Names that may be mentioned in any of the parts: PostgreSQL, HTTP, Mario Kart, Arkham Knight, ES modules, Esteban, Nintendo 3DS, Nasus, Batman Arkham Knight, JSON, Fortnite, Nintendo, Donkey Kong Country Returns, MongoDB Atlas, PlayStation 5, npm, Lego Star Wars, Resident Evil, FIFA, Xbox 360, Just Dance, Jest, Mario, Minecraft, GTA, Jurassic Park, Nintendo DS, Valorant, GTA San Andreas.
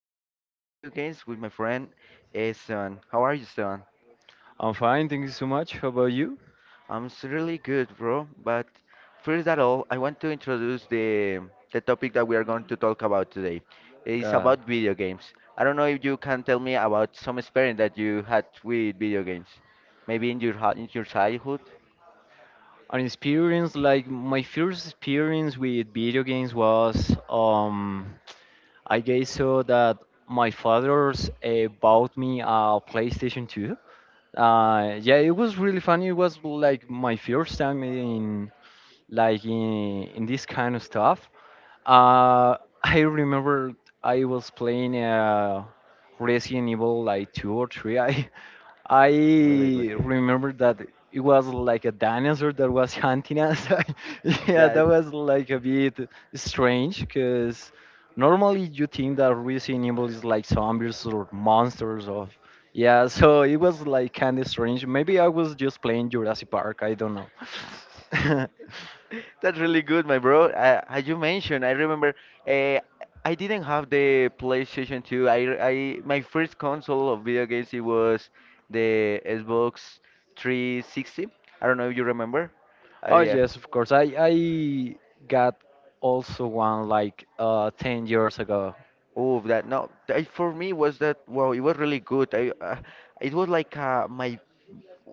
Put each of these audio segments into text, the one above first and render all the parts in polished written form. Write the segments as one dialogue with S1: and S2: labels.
S1: talk about video games with my friend Esteban. How are you, Esteban?
S2: I'm fine, thank you so much. How about you?
S1: Really good, bro. But first of all, I want to introduce the topic that we are going to talk about today. It's
S2: God.
S1: about video games. I don't know if you can tell me about some experience that you had with video games. Maybe in in your childhood.
S2: An experience like my first experience with video games was I guess so that my father's bought me a PlayStation 2. Yeah, it was really funny. It was like my first time in in this kind of stuff. Uh I remember I was playing Resident Evil like two or three. I
S1: Really good game.
S2: remember that it was like a dinosaur that was hunting us. Yeah,
S1: Yeah, it-
S2: that was like a bit strange because normally you think that Resident Evil is like zombies or monsters of yeah, so it was like kind of strange. Maybe I was just playing Jurassic Park. I don't know.
S1: That's really good, my bro. As you mentioned, I remember uh, I didn't have the PlayStation 2. My first console of video games, it was the Xbox 360. I don't know if you remember.
S2: Oh
S1: Yeah.
S2: yes, of course. I got also one like 10 years ago.
S1: Oh, that no, that for me was that. Wow, it was really good. I, it was like my.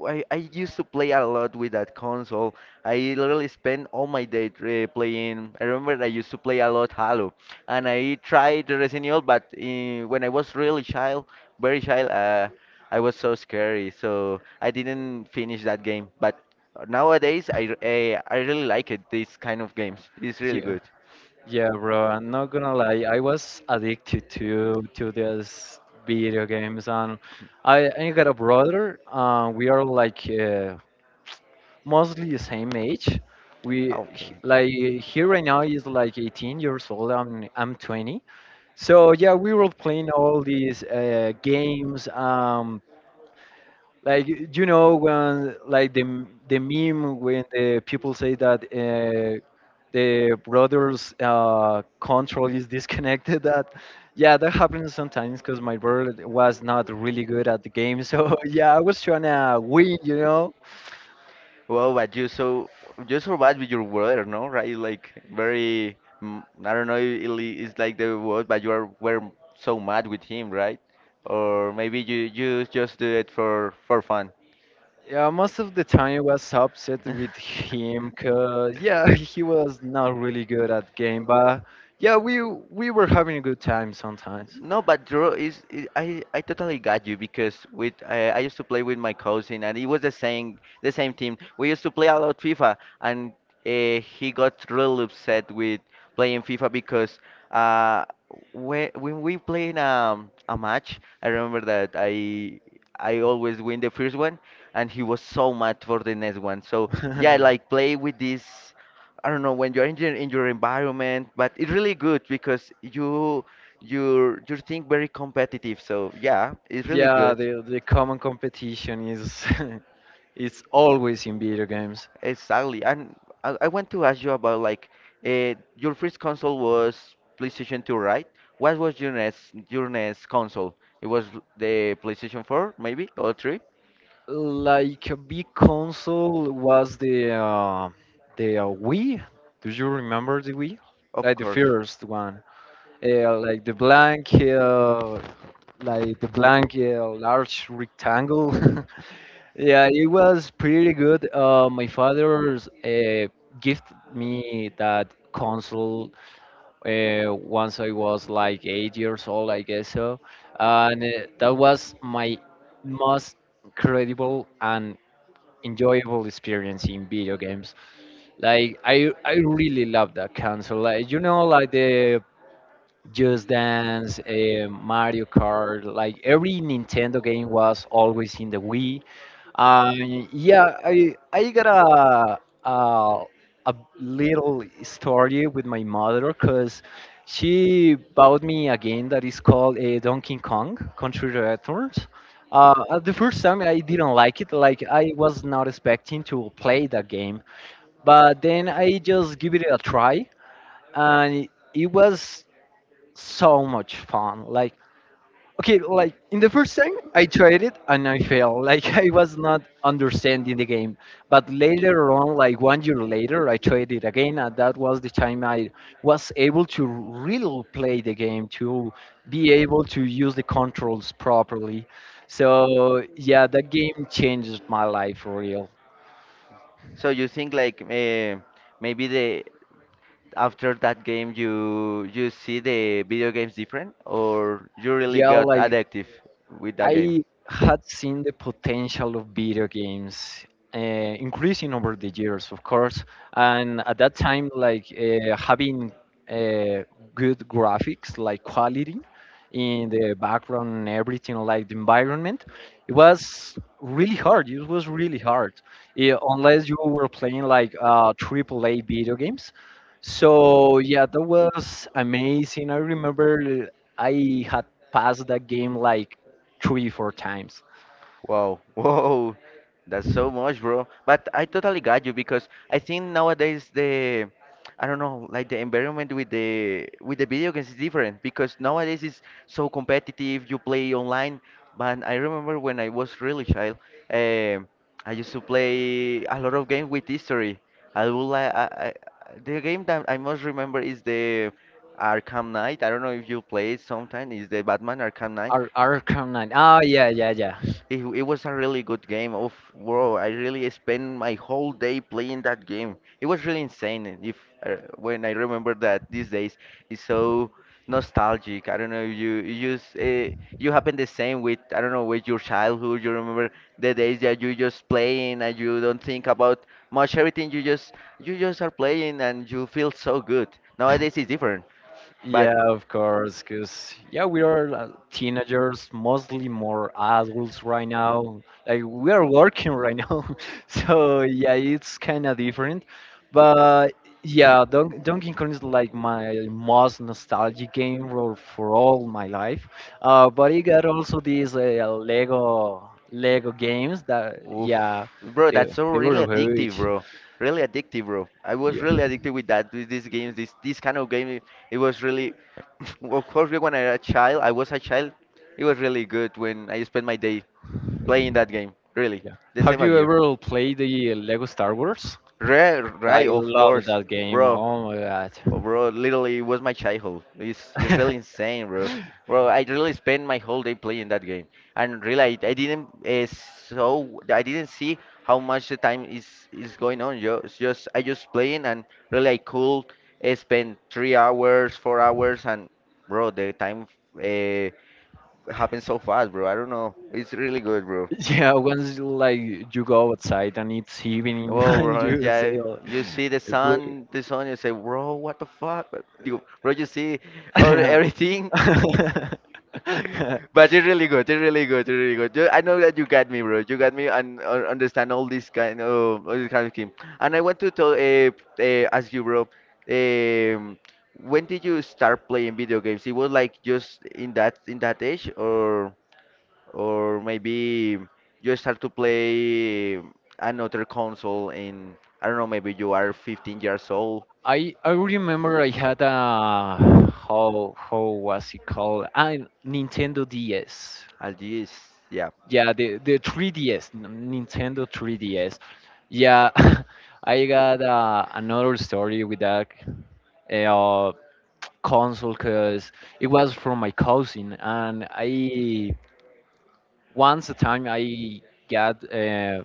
S1: I used to play a lot with that console. I literally spent all my day playing. I remember I used to play a lot Halo, and I tried the Resident Evil, but when I was really child, very child, I was so scary, so I didn't finish that game. But nowadays, I really like it. These kind of games, it's really good.
S2: Yeah, bro, I'm not gonna lie. I was addicted to these video games, and I got a brother. We are like mostly the same age.
S1: Ah, okay.
S2: Like he right now is like 18 years old. I'm 20. So yeah, we were playing all these games. Like you know when like the meme when the people say that the brother's control is disconnected. That yeah, that happens sometimes because my brother was not really good at the game. So yeah, I was trying to win. You know.
S1: Well, but you so you survive with your water, no? Right? Like very, I don't know. It's like the word, but you are were so mad with him, right? Or maybe you just do it for fun.
S2: Yeah, most of the time I was upset with him because yeah, he was not really good at game. But yeah, we were having a good time sometimes.
S1: No, but draw is I I totally got you because with I used to play with my cousin and it was the same team. We used to play a lot FIFA, and he got real upset with playing FIFA because uh when we playing a match. I remember that I always win the first one, and he was so mad for the next one. So yeah, like play with this. I don't know when you're in your environment, but it's really good because you think very competitive. So yeah, it's really
S2: Yeah,
S1: good.
S2: the common competition is it's always in video games.
S1: Exactly. And I want to ask you about like your first console was PlayStation 2, right? What was your next console? It was the PlayStation 4, maybe, or 3?
S2: Like a big console was the Wii. Do you remember the Wii?
S1: Of
S2: Like the
S1: course.
S2: first one, uh, like the blank, uh, like the blank large rectangle. Yeah, it was pretty good. My father's gift me that console once I was like 8 years old, I guess so. And that was my most incredible and enjoyable experience in video games. Like I really love that console. Like you know, like the Just Dance, Mario Kart, like every Nintendo game was always in the Wii. Uh, yeah, I got a, a little story with my mother because she bought me a game that is called a Donkey Kong Country Returns. At the first time, I didn't like it. Like I was not expecting to play that game, but then I just give it a try, and it was so much fun. Like okay, like in the first time I tried it and I failed, like I was not understanding the game, but later on, like one year later, I tried it again, and that was the time I was able to really play the game, to be able to use the controls properly. So yeah, that game changed my life for real.
S1: So you think like maybe the after that game you you see the video games different, or you really
S2: Yeah,
S1: got
S2: like
S1: addictive with that game?
S2: I had seen the potential of video games increasing over the years, of course, and at that time, like having uh, good graphics, like quality in the background and everything, like the environment, it was really hard. It was really hard. Yeah, unless you were playing like triple A video games. So yeah, that was amazing. I remember I had passed that game like three, four times.
S1: Wow, whoa, that's so much, bro. But I totally got you because I think nowadays I don't know, like the environment with the video games is different because nowadays it's so competitive. You play online, but I remember when I was really child, um, I used to play a lot of games with history. I would like I, the game that I most remember is the Arkham Knight. I don't know if you play it sometime. Is the Batman Arkham Knight?
S2: Arkham Knight. Oh yeah, yeah, yeah.
S1: It was a really good game. Of bro, I really spent my whole day playing that game. It was really insane. If when I remember that these days, it's so nostalgic. I don't know. You you happen the same with I don't know with your childhood. You remember the days that you just playing and you don't think about much everything. You just are playing and you feel so good. Nowadays it's different, but
S2: Yeah, of course, because yeah, we are teenagers, mostly more adults right now. Like we are working right now, so yeah, it's kind of different. But yeah, Donkey Kong is like my most nostalgic game for all my life. But I got also these Lego games that
S1: oof,
S2: yeah,
S1: bro,
S2: they
S1: that's so
S2: they
S1: really
S2: were
S1: addictive,
S2: huge.
S1: bro. Really addictive, bro. I was
S2: Yeah,
S1: really addicted with that, with these games, this kind of game. It was really, of course, when I was a child, I was a child. It was really good when I spent my day playing that game. Really,
S2: yeah.
S1: the same
S2: Have
S1: of
S2: you
S1: you.
S2: ever played the Lego Star Wars?
S1: Right,
S2: I
S1: right, of
S2: love
S1: course,
S2: that game.
S1: bro.
S2: Oh my god.
S1: Oh, bro, literally it was my childhood. It's really insane, bro. Bro, I really spent my whole day playing that game, and really I didn't I didn't see how much the time is going on. Yo, it's just I just playing, and really I could spend 3 hours, 4 hours, and bro, the time uh, happens so fast, bro. I don't know. It's really good, bro.
S2: Yeah, once like you go outside and it's evening,
S1: Oh,
S2: and
S1: bro,
S2: you
S1: yeah.
S2: say, oh,
S1: You see the
S2: bro.
S1: sun, you say, bro, what the fuck? But you- Bro, you see or everything. But you're really good. You're really good. You're really good. You, I know that you got me, bro. You got me and understand all this kind of thing. And I want to tell, ask you, bro. Um, when did you start playing video games? It was like just in that age, or maybe you start to play another console in I don't know. Maybe you are 15 years old.
S2: I remember I had a how was it called? I Nintendo DS.
S1: At least, yeah.
S2: Yeah, the 3DS, Nintendo 3DS. Yeah, I got another story with that console, because it was from my cousin, and I once a time I got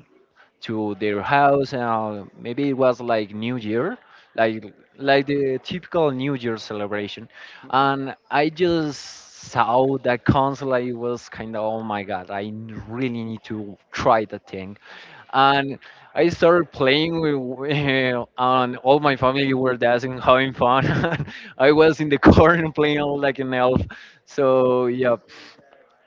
S2: to their house, and maybe it was like New Year, like like the typical New Year celebration,
S1: Hmm?
S2: and I just saw that console. I was kind of, oh my god, I really need to try that thing. And I started playing with, and all my family were dancing, having fun. I was in the corner playing like an elf. So yeah,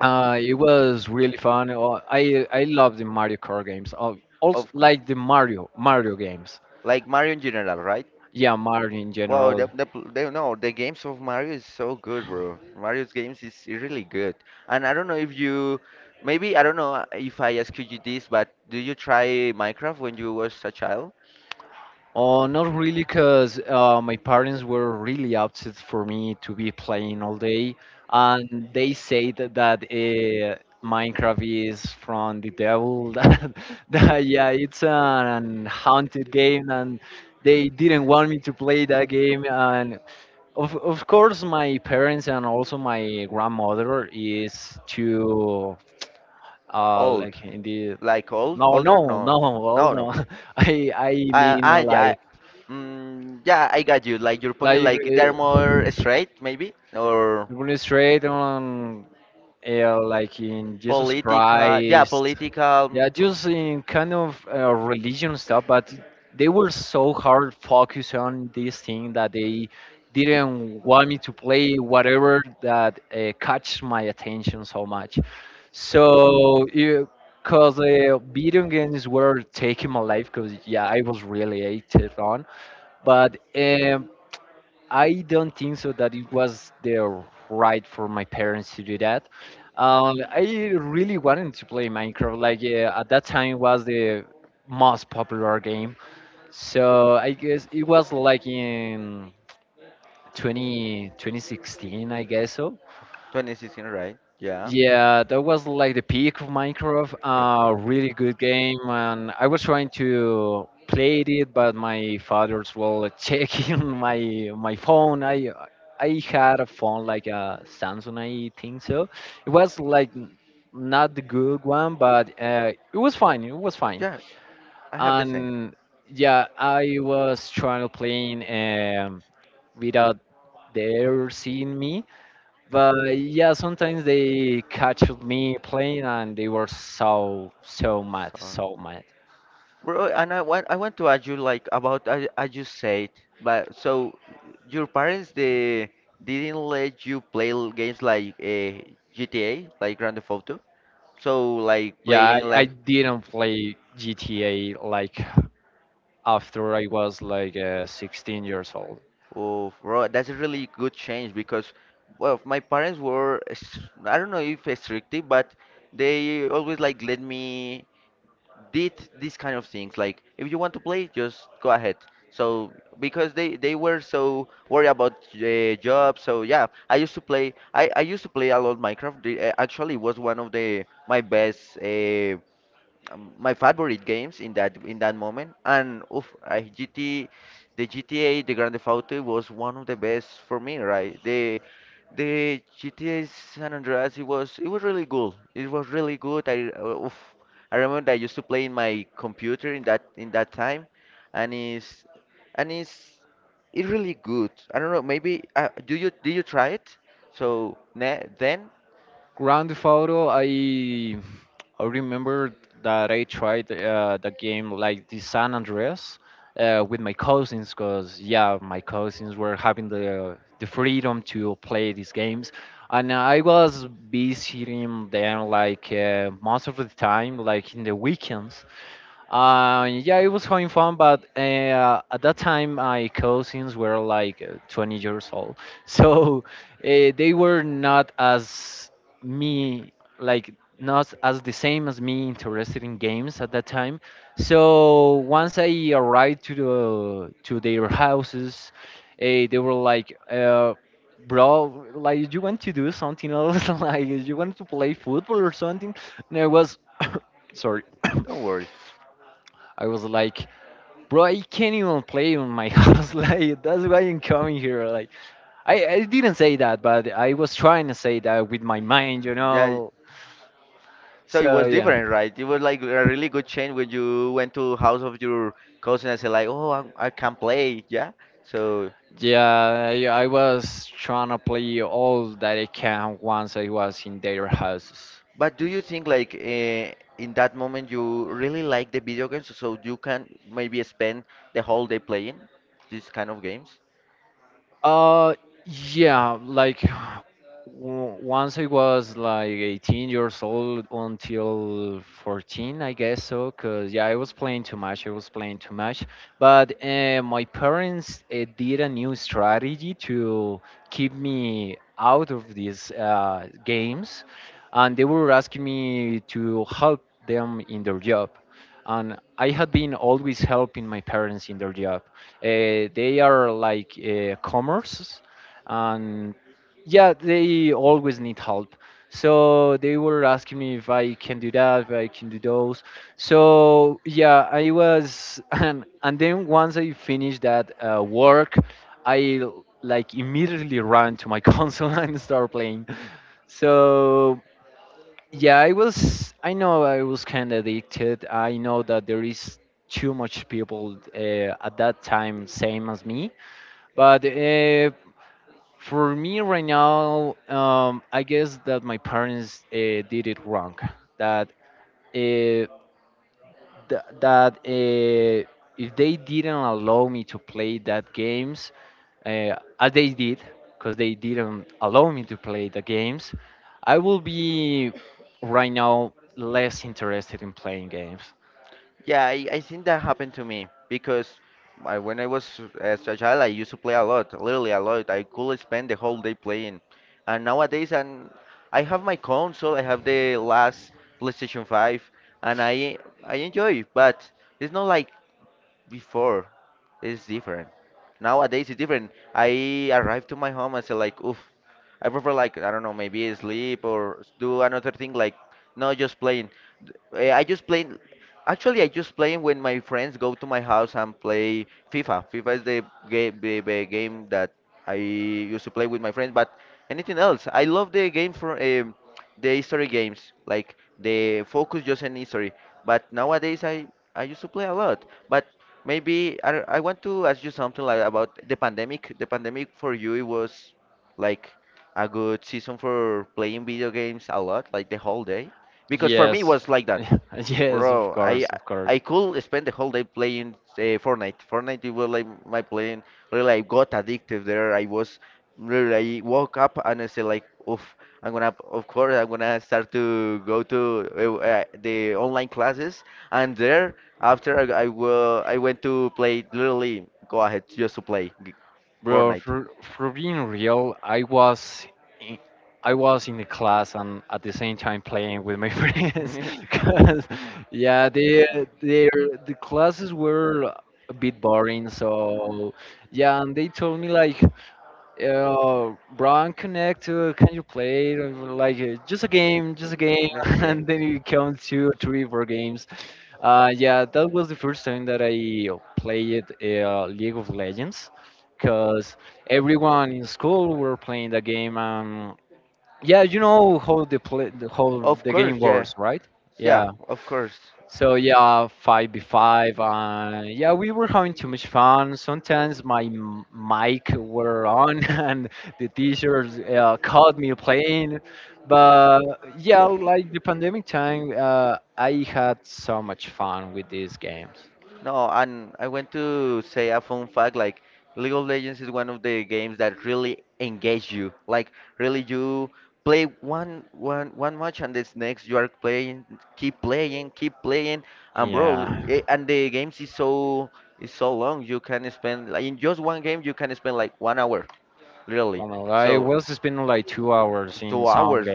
S2: it
S1: was
S2: was
S1: really
S2: really
S1: fun.
S2: fun. I
S1: I
S2: love
S1: loved
S2: the Mario Kart games.
S1: Mario
S2: Also
S1: of course.
S2: like the Mario games.
S1: Like Mario in general, right?
S2: Yeah, Mario in
S1: Wow,
S2: general.
S1: the, pl- the no, the games of Mario is so good, bro. Mario's games is really good. And I don't know if you, maybe I don't know if I ask you this, but do you try Minecraft when you was a child?
S2: Oh, not really, because my parents were really upset for me to be playing all day, and they said that Minecraft is from the devil. That, that Yeah, it's an haunted game, and they didn't want me to play that game. And of course, my parents and also my grandmother is too like
S1: Old.
S2: in the
S1: Like old,
S2: no
S1: older?
S2: no no
S1: No,
S2: well
S1: no, no.
S2: no I
S1: Uh,
S2: mean
S1: I, I, yeah, I got you. Like your point is
S2: like
S1: like they're more straight, maybe, or
S2: demonstrate on like in Jesus
S1: political. Yeah,
S2: Christ.
S1: political.
S2: Yeah, just in kind of religion stuff, but they were so hard focused on this thing that they didn't want me to play whatever that catch my attention so much. So you. Cause video games were taking my life, cause yeah, I was really hated on. But I don't think so that it was the right for my parents to do that. I really wanted to play Minecraft. Like at that time was the most popular game. So I guess it was like in 2016, I guess so.
S1: 2016, right? Yeah.
S2: Yeah, that was like the peak of Minecraft.
S1: Happy.
S2: A really good game, and I was trying to play it, but my father's well checking my phone. I had a phone like a Samsung, I think so. It was like not the good one, but it was fine. It was fine,
S1: Yeah, I have the same.
S2: and yeah, I was trying to play um, without their seeing me, but yeah, sometimes they catch me playing, and they were so so mad,
S1: So,
S2: so mad.
S1: bro, and I want to ask you like about I just said, but so your parents they didn't let you games like GTA, like Grand Theft Auto. So like
S2: Yeah,
S1: playing
S2: I
S1: like
S2: didn't play GTA like after I was like 16 years old.
S1: oh bro, that's a really good change because well my parents were I don't know if restrictive, but they always like let me. Did these kind of things like if you want to play just go ahead, so because they were so worried about jobs. So yeah, I used to play i used to play a lot Minecraft. Actually was one of the my best my favorite games in that moment. And oof, I G T, the GTA, the Grand Theft Auto was one of the best for me, right? The GTA San Andreas, it was really good. It was really good. I oof, I remember I used to play in my computer in that time, and and it's it's really good. I don't know. Maybe do you try it? So ne then don't worry. Yeah, so it was different, right? It was like a really good change when you went to house of your cousin and said like, "Oh, I can play." Yeah. So, but do you think like in that moment you really like the video games, so you can maybe spend the whole day playing these kind of games? Yeah, I think that happened to me because when I was as a child, I used to play a lot, literally a lot. I could spend the whole day playing. And nowadays, and I have my console, I have the last PlayStation 5, and I enjoy, but it's not like before. It's different. Nowadays, it's different. I arrive to my home and say like, oof, I prefer like I don't know, maybe sleep or do another thing like not just playing. I just playing. Actually, I just play when my friends go to my house and play FIFA. FIFA is the, game, the game that I used to play with my friends. But anything else, I love the game for the history games, like the focus just on history. But nowadays, I used to play a lot. But maybe I, don't- I want to ask you something like about the pandemic. The pandemic for you, it was like a good season for playing video games a lot, like the whole day. Because for me, it was like that. Bro, I could spend the whole day playing Fortnite. Fortnite it was like my playing. Really, I got addicted there. I was really. I woke up and I said like, oof, I'm gonna. Of course, I'm gonna start to go to the online classes. And there, after I went to play. Literally, go ahead just to Fortnite. That's a game. Of course, yeah. Yeah, of course. No, and I want to say a fun fact like League of Legends is one of the games that really engage you. Like really you play one match and this next you are playing, keep playing, keep playing, and bro and the games is so long you can spend like in just one game you can spend like 1 hour really. So 2 hours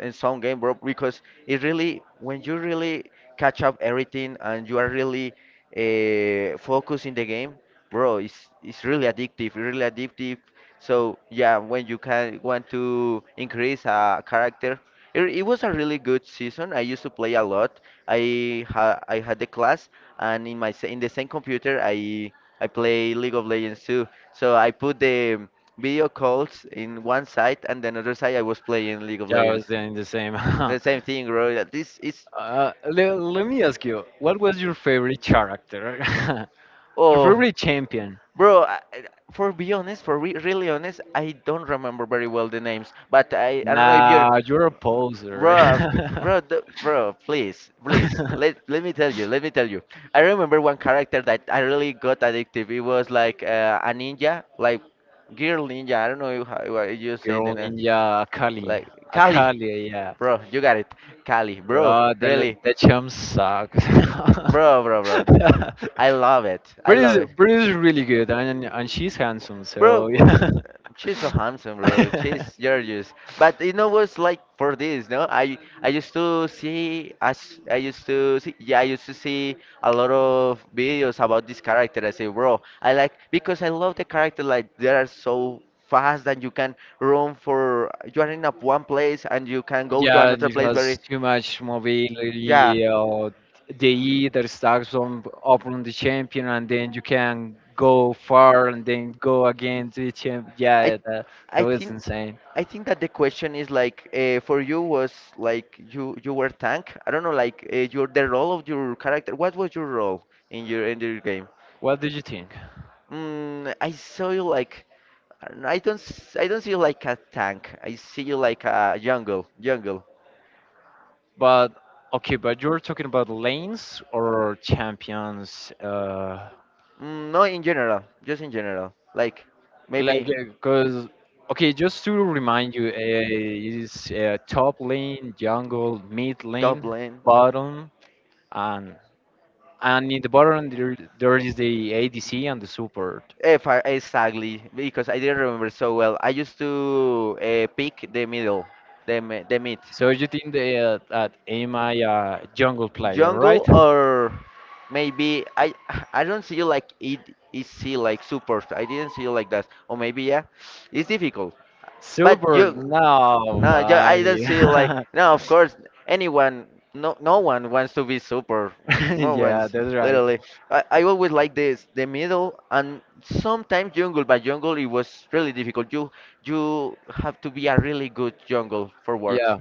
S1: in some game, bro, because it really, when you really catch up everything and you are really focused in the game, bro, it's really addictive, really addictive. So yeah, when you can want to increase a character, it was a really good season. I used to play a lot. I had the class, and in in the same computer, I play League of Legends too. So I put the video calls in one side and then other side I was playing League of Legends. The same thing, bro. That This is oh, bro. For be honest, for re really honest, I don't remember very well the names. But I don't know if you're, bro, bro, bro. Please, please. Let me tell you. Let me tell you. I remember one character that I really got addictive. It was like a ninja, like girl ninja. I don't know how you say the name. Like Cali, bro, you got it. Cali, bro, really, oh, bro, bro, bro. I love it. I love it. Bro, bro, she's so handsome, bro. She's gorgeous. But you know what's like for this, no? I used to see yeah, I used to see a lot of videos about this character. I say, bro, I like because I love the character. Like they are so fast that you can run for you are in a one place and you can go to another place very yeah. I I think I think that the question is like for you was like you were tank. I don't know like your the role of your character. What was your role in your game? Mm, I saw you like I don't know, I don't see you like a tank. I see you like a jungle. Mm, no, in general, just in general. Like maybe. Top lane. If I, exactly, because I didn't remember so well. I used to pick the middle, the mid. Jungle or maybe I I don't see like it is see like support. I didn't see like that. Or maybe yeah, it's difficult. But you, no, you, I don't see like no. Of course, anyone, no, no one wants to be super. No one's literally. I always like this, the middle and sometimes jungle. But jungle, it was really difficult. You have to be a really good jungle for works.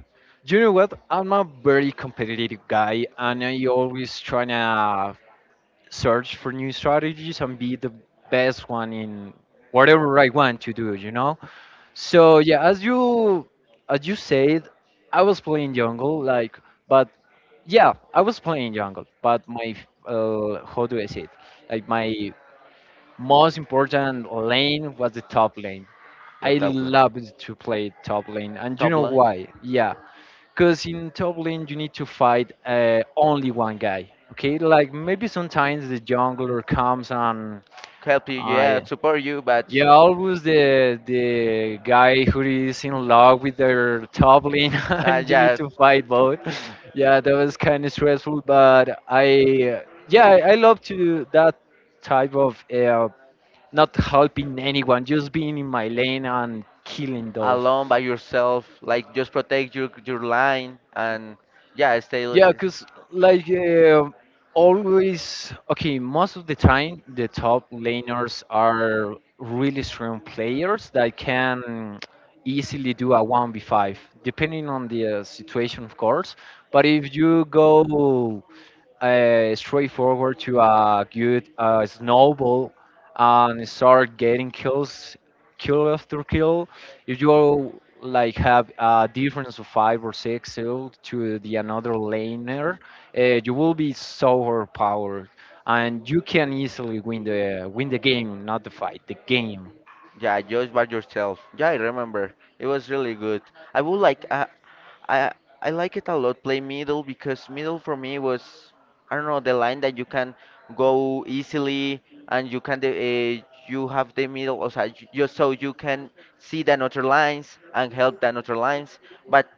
S1: The top line, top line. Help you, yeah, support you, but yeah, alone by yourself, like just protect your line and yeah, stay. Yeah, just by yourself. Yeah, I remember. It was really good. I would like I I like it a lot. Play middle because middle for me was I don't know the line that you can go easily and you can you have the middle or so you can see the other lines and help the other lines. But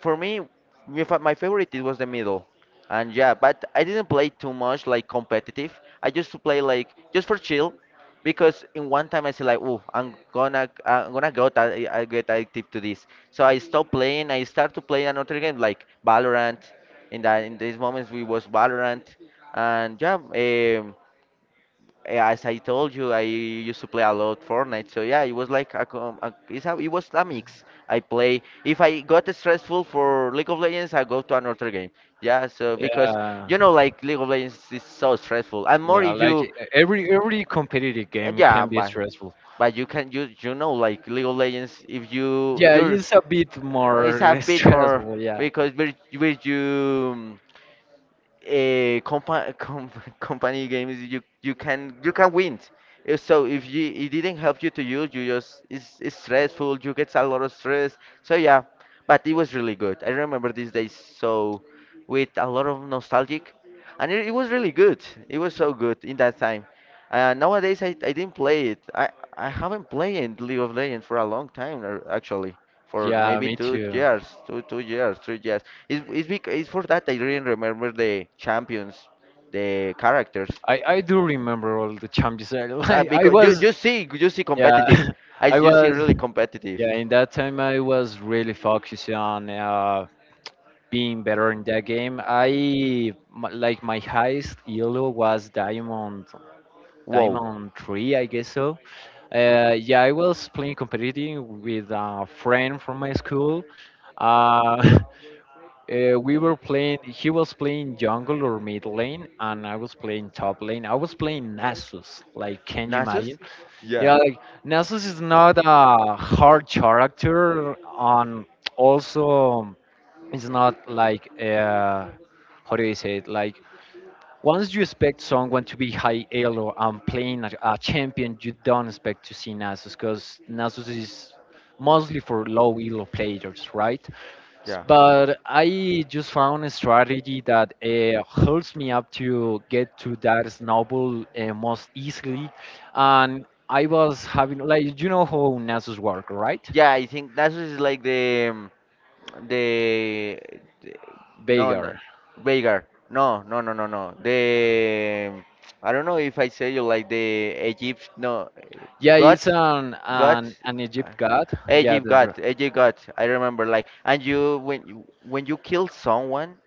S1: for me, my favorite it was the middle. And yeah, but I didn't play too much like competitive. I used to play like just for chill because in one time I said like, oh, I'm gonna go that I get addicted to this. So I stopped playing. I start to play another game like Valorant. In these moments we was Valorant, and yeah, as I told you, I used to play a lot Fortnite. So yeah, it was like a, it was a mix. I play if I got stressful for League of Legends, I go to another game. Yeah, so because you know like League of Legends is so stressful, and more if you and yeah, but you can you you know like League of Legends if you're it's a bit more because with you com company games you can you can win so if you it didn't help you to use you just it's stressful you get a lot of stress so yeah but it was really good. I remember these days so with a lot of nostalgic and it was really good. It was so good in that time. Nowadays I didn't play it. I I haven't played League of Legends for a long time actually for maybe 2 years, two years, 3 years. It's for that I really remember the champions, the characters. Because you see competitive, I you see really competitive. Wow. Nasus? Yeah. Yeah. Yeah, I think that's is like the, the no, no Vagar. No, no, no, no, no. The I don't know if I say you like the Egypt. No, God, God, uh, Egypt God, Egypt God. I remember like and you when you kill someone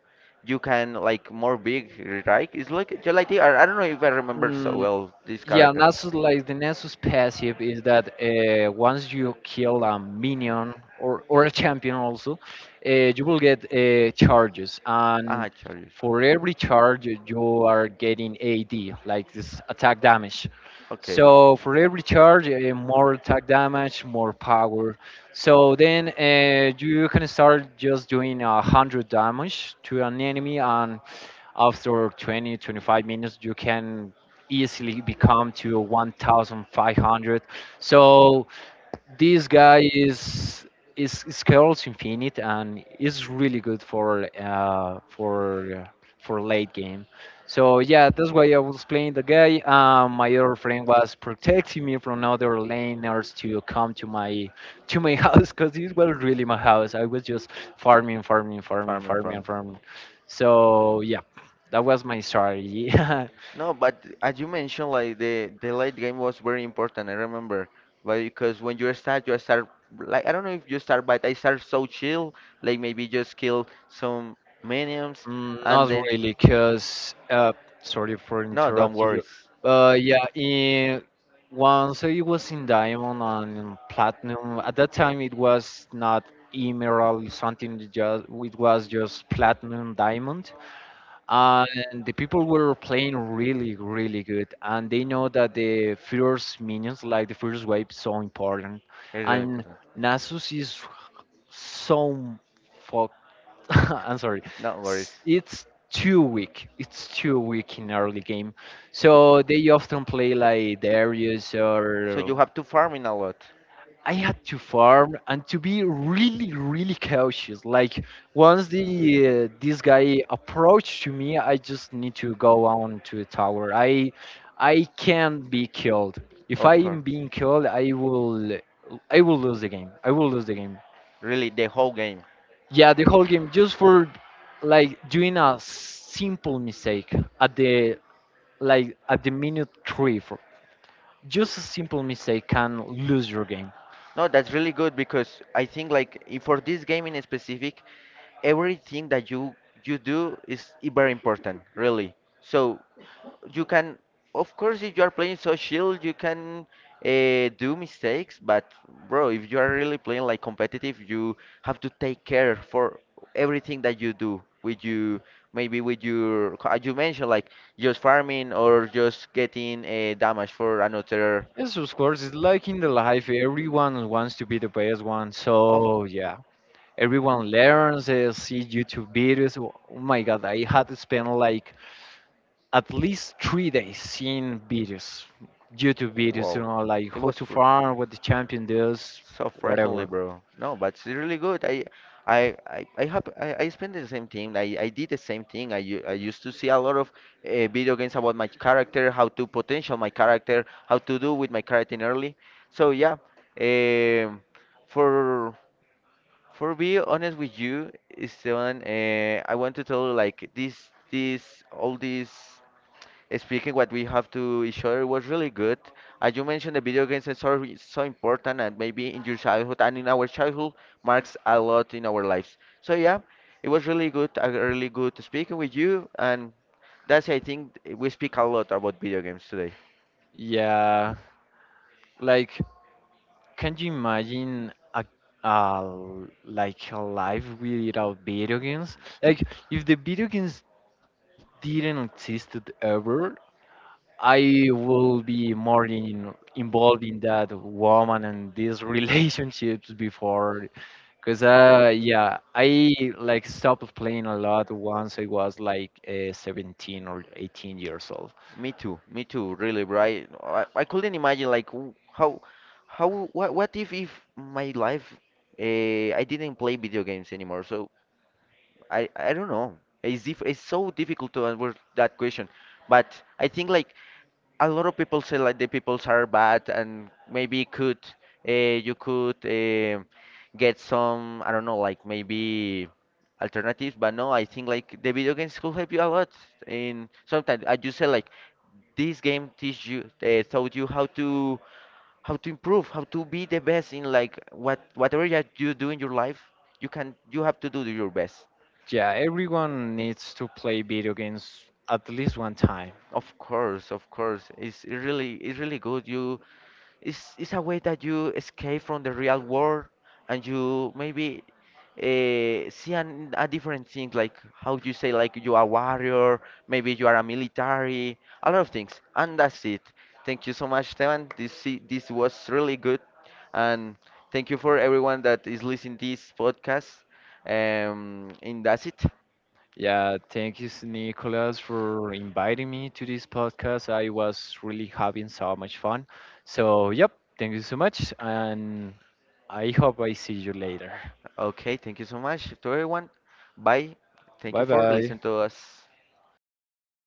S1: you can like more big, right? It's like Gelati. I don't know if I remember so well this character. Ah, Chargers. Okay. Farming, farming. No, but as you mentioned, like the late game was very important. I remember, but because when you start like I don't know if you start, but I start so chill, like maybe just kill some minions, and then no, don't worry. It's really important. No worries. So you have to farm in a lot. Of course. Really, the whole game. No, that's really good because I think like for this game in specific, everything that you do is very important, really. So you can, of course, if you are playing so chill, you can do mistakes. But bro, if you are really playing like competitive, you have to take care for everything that you do with you, maybe with your, as you mentioned, like just farming or just getting damage for another. Of course. Wow. It was fr so frequently, bro. No, but it's really good. I have I spent the same thing. I did the same thing. I used to see a lot of video games about my character, how to potential my character, how to do with my character in early. So yeah, um, for For be honest with you, Esteban, I want to tell you, like all this speaking what we have to each other was really good. As you mentioned, the video games are so, so important, and maybe in your childhood and in our childhood marks a lot in our lives. So yeah, it was really good, really good speaking with you, and that's I think we speak a lot about video games today. Me too. Me too. Really, right? I couldn't imagine like how what if my life I didn't play video games anymore. So I don't know. It's so difficult to answer that question. But I think like a lot of people say like the peoples are bad and maybe could you could get some I don't know like maybe alternatives but no I think like the video games could help you a lot in sometimes I just say like this game teach you taught you how to improve how to be the best in like what whatever that you do in your life you can you have to do your best of course it really it's really good you it's a way that you escape from the real world and you maybe see a different thing, like how you say, like you are a warrior, maybe you are a military, a lot of things. And that's it. Thank you so much, Tevan. This was really good. And thank you for everyone that is listening this podcast. And that's it. Okay, thank you so much to everyone. Bye. Thank you for listening to us.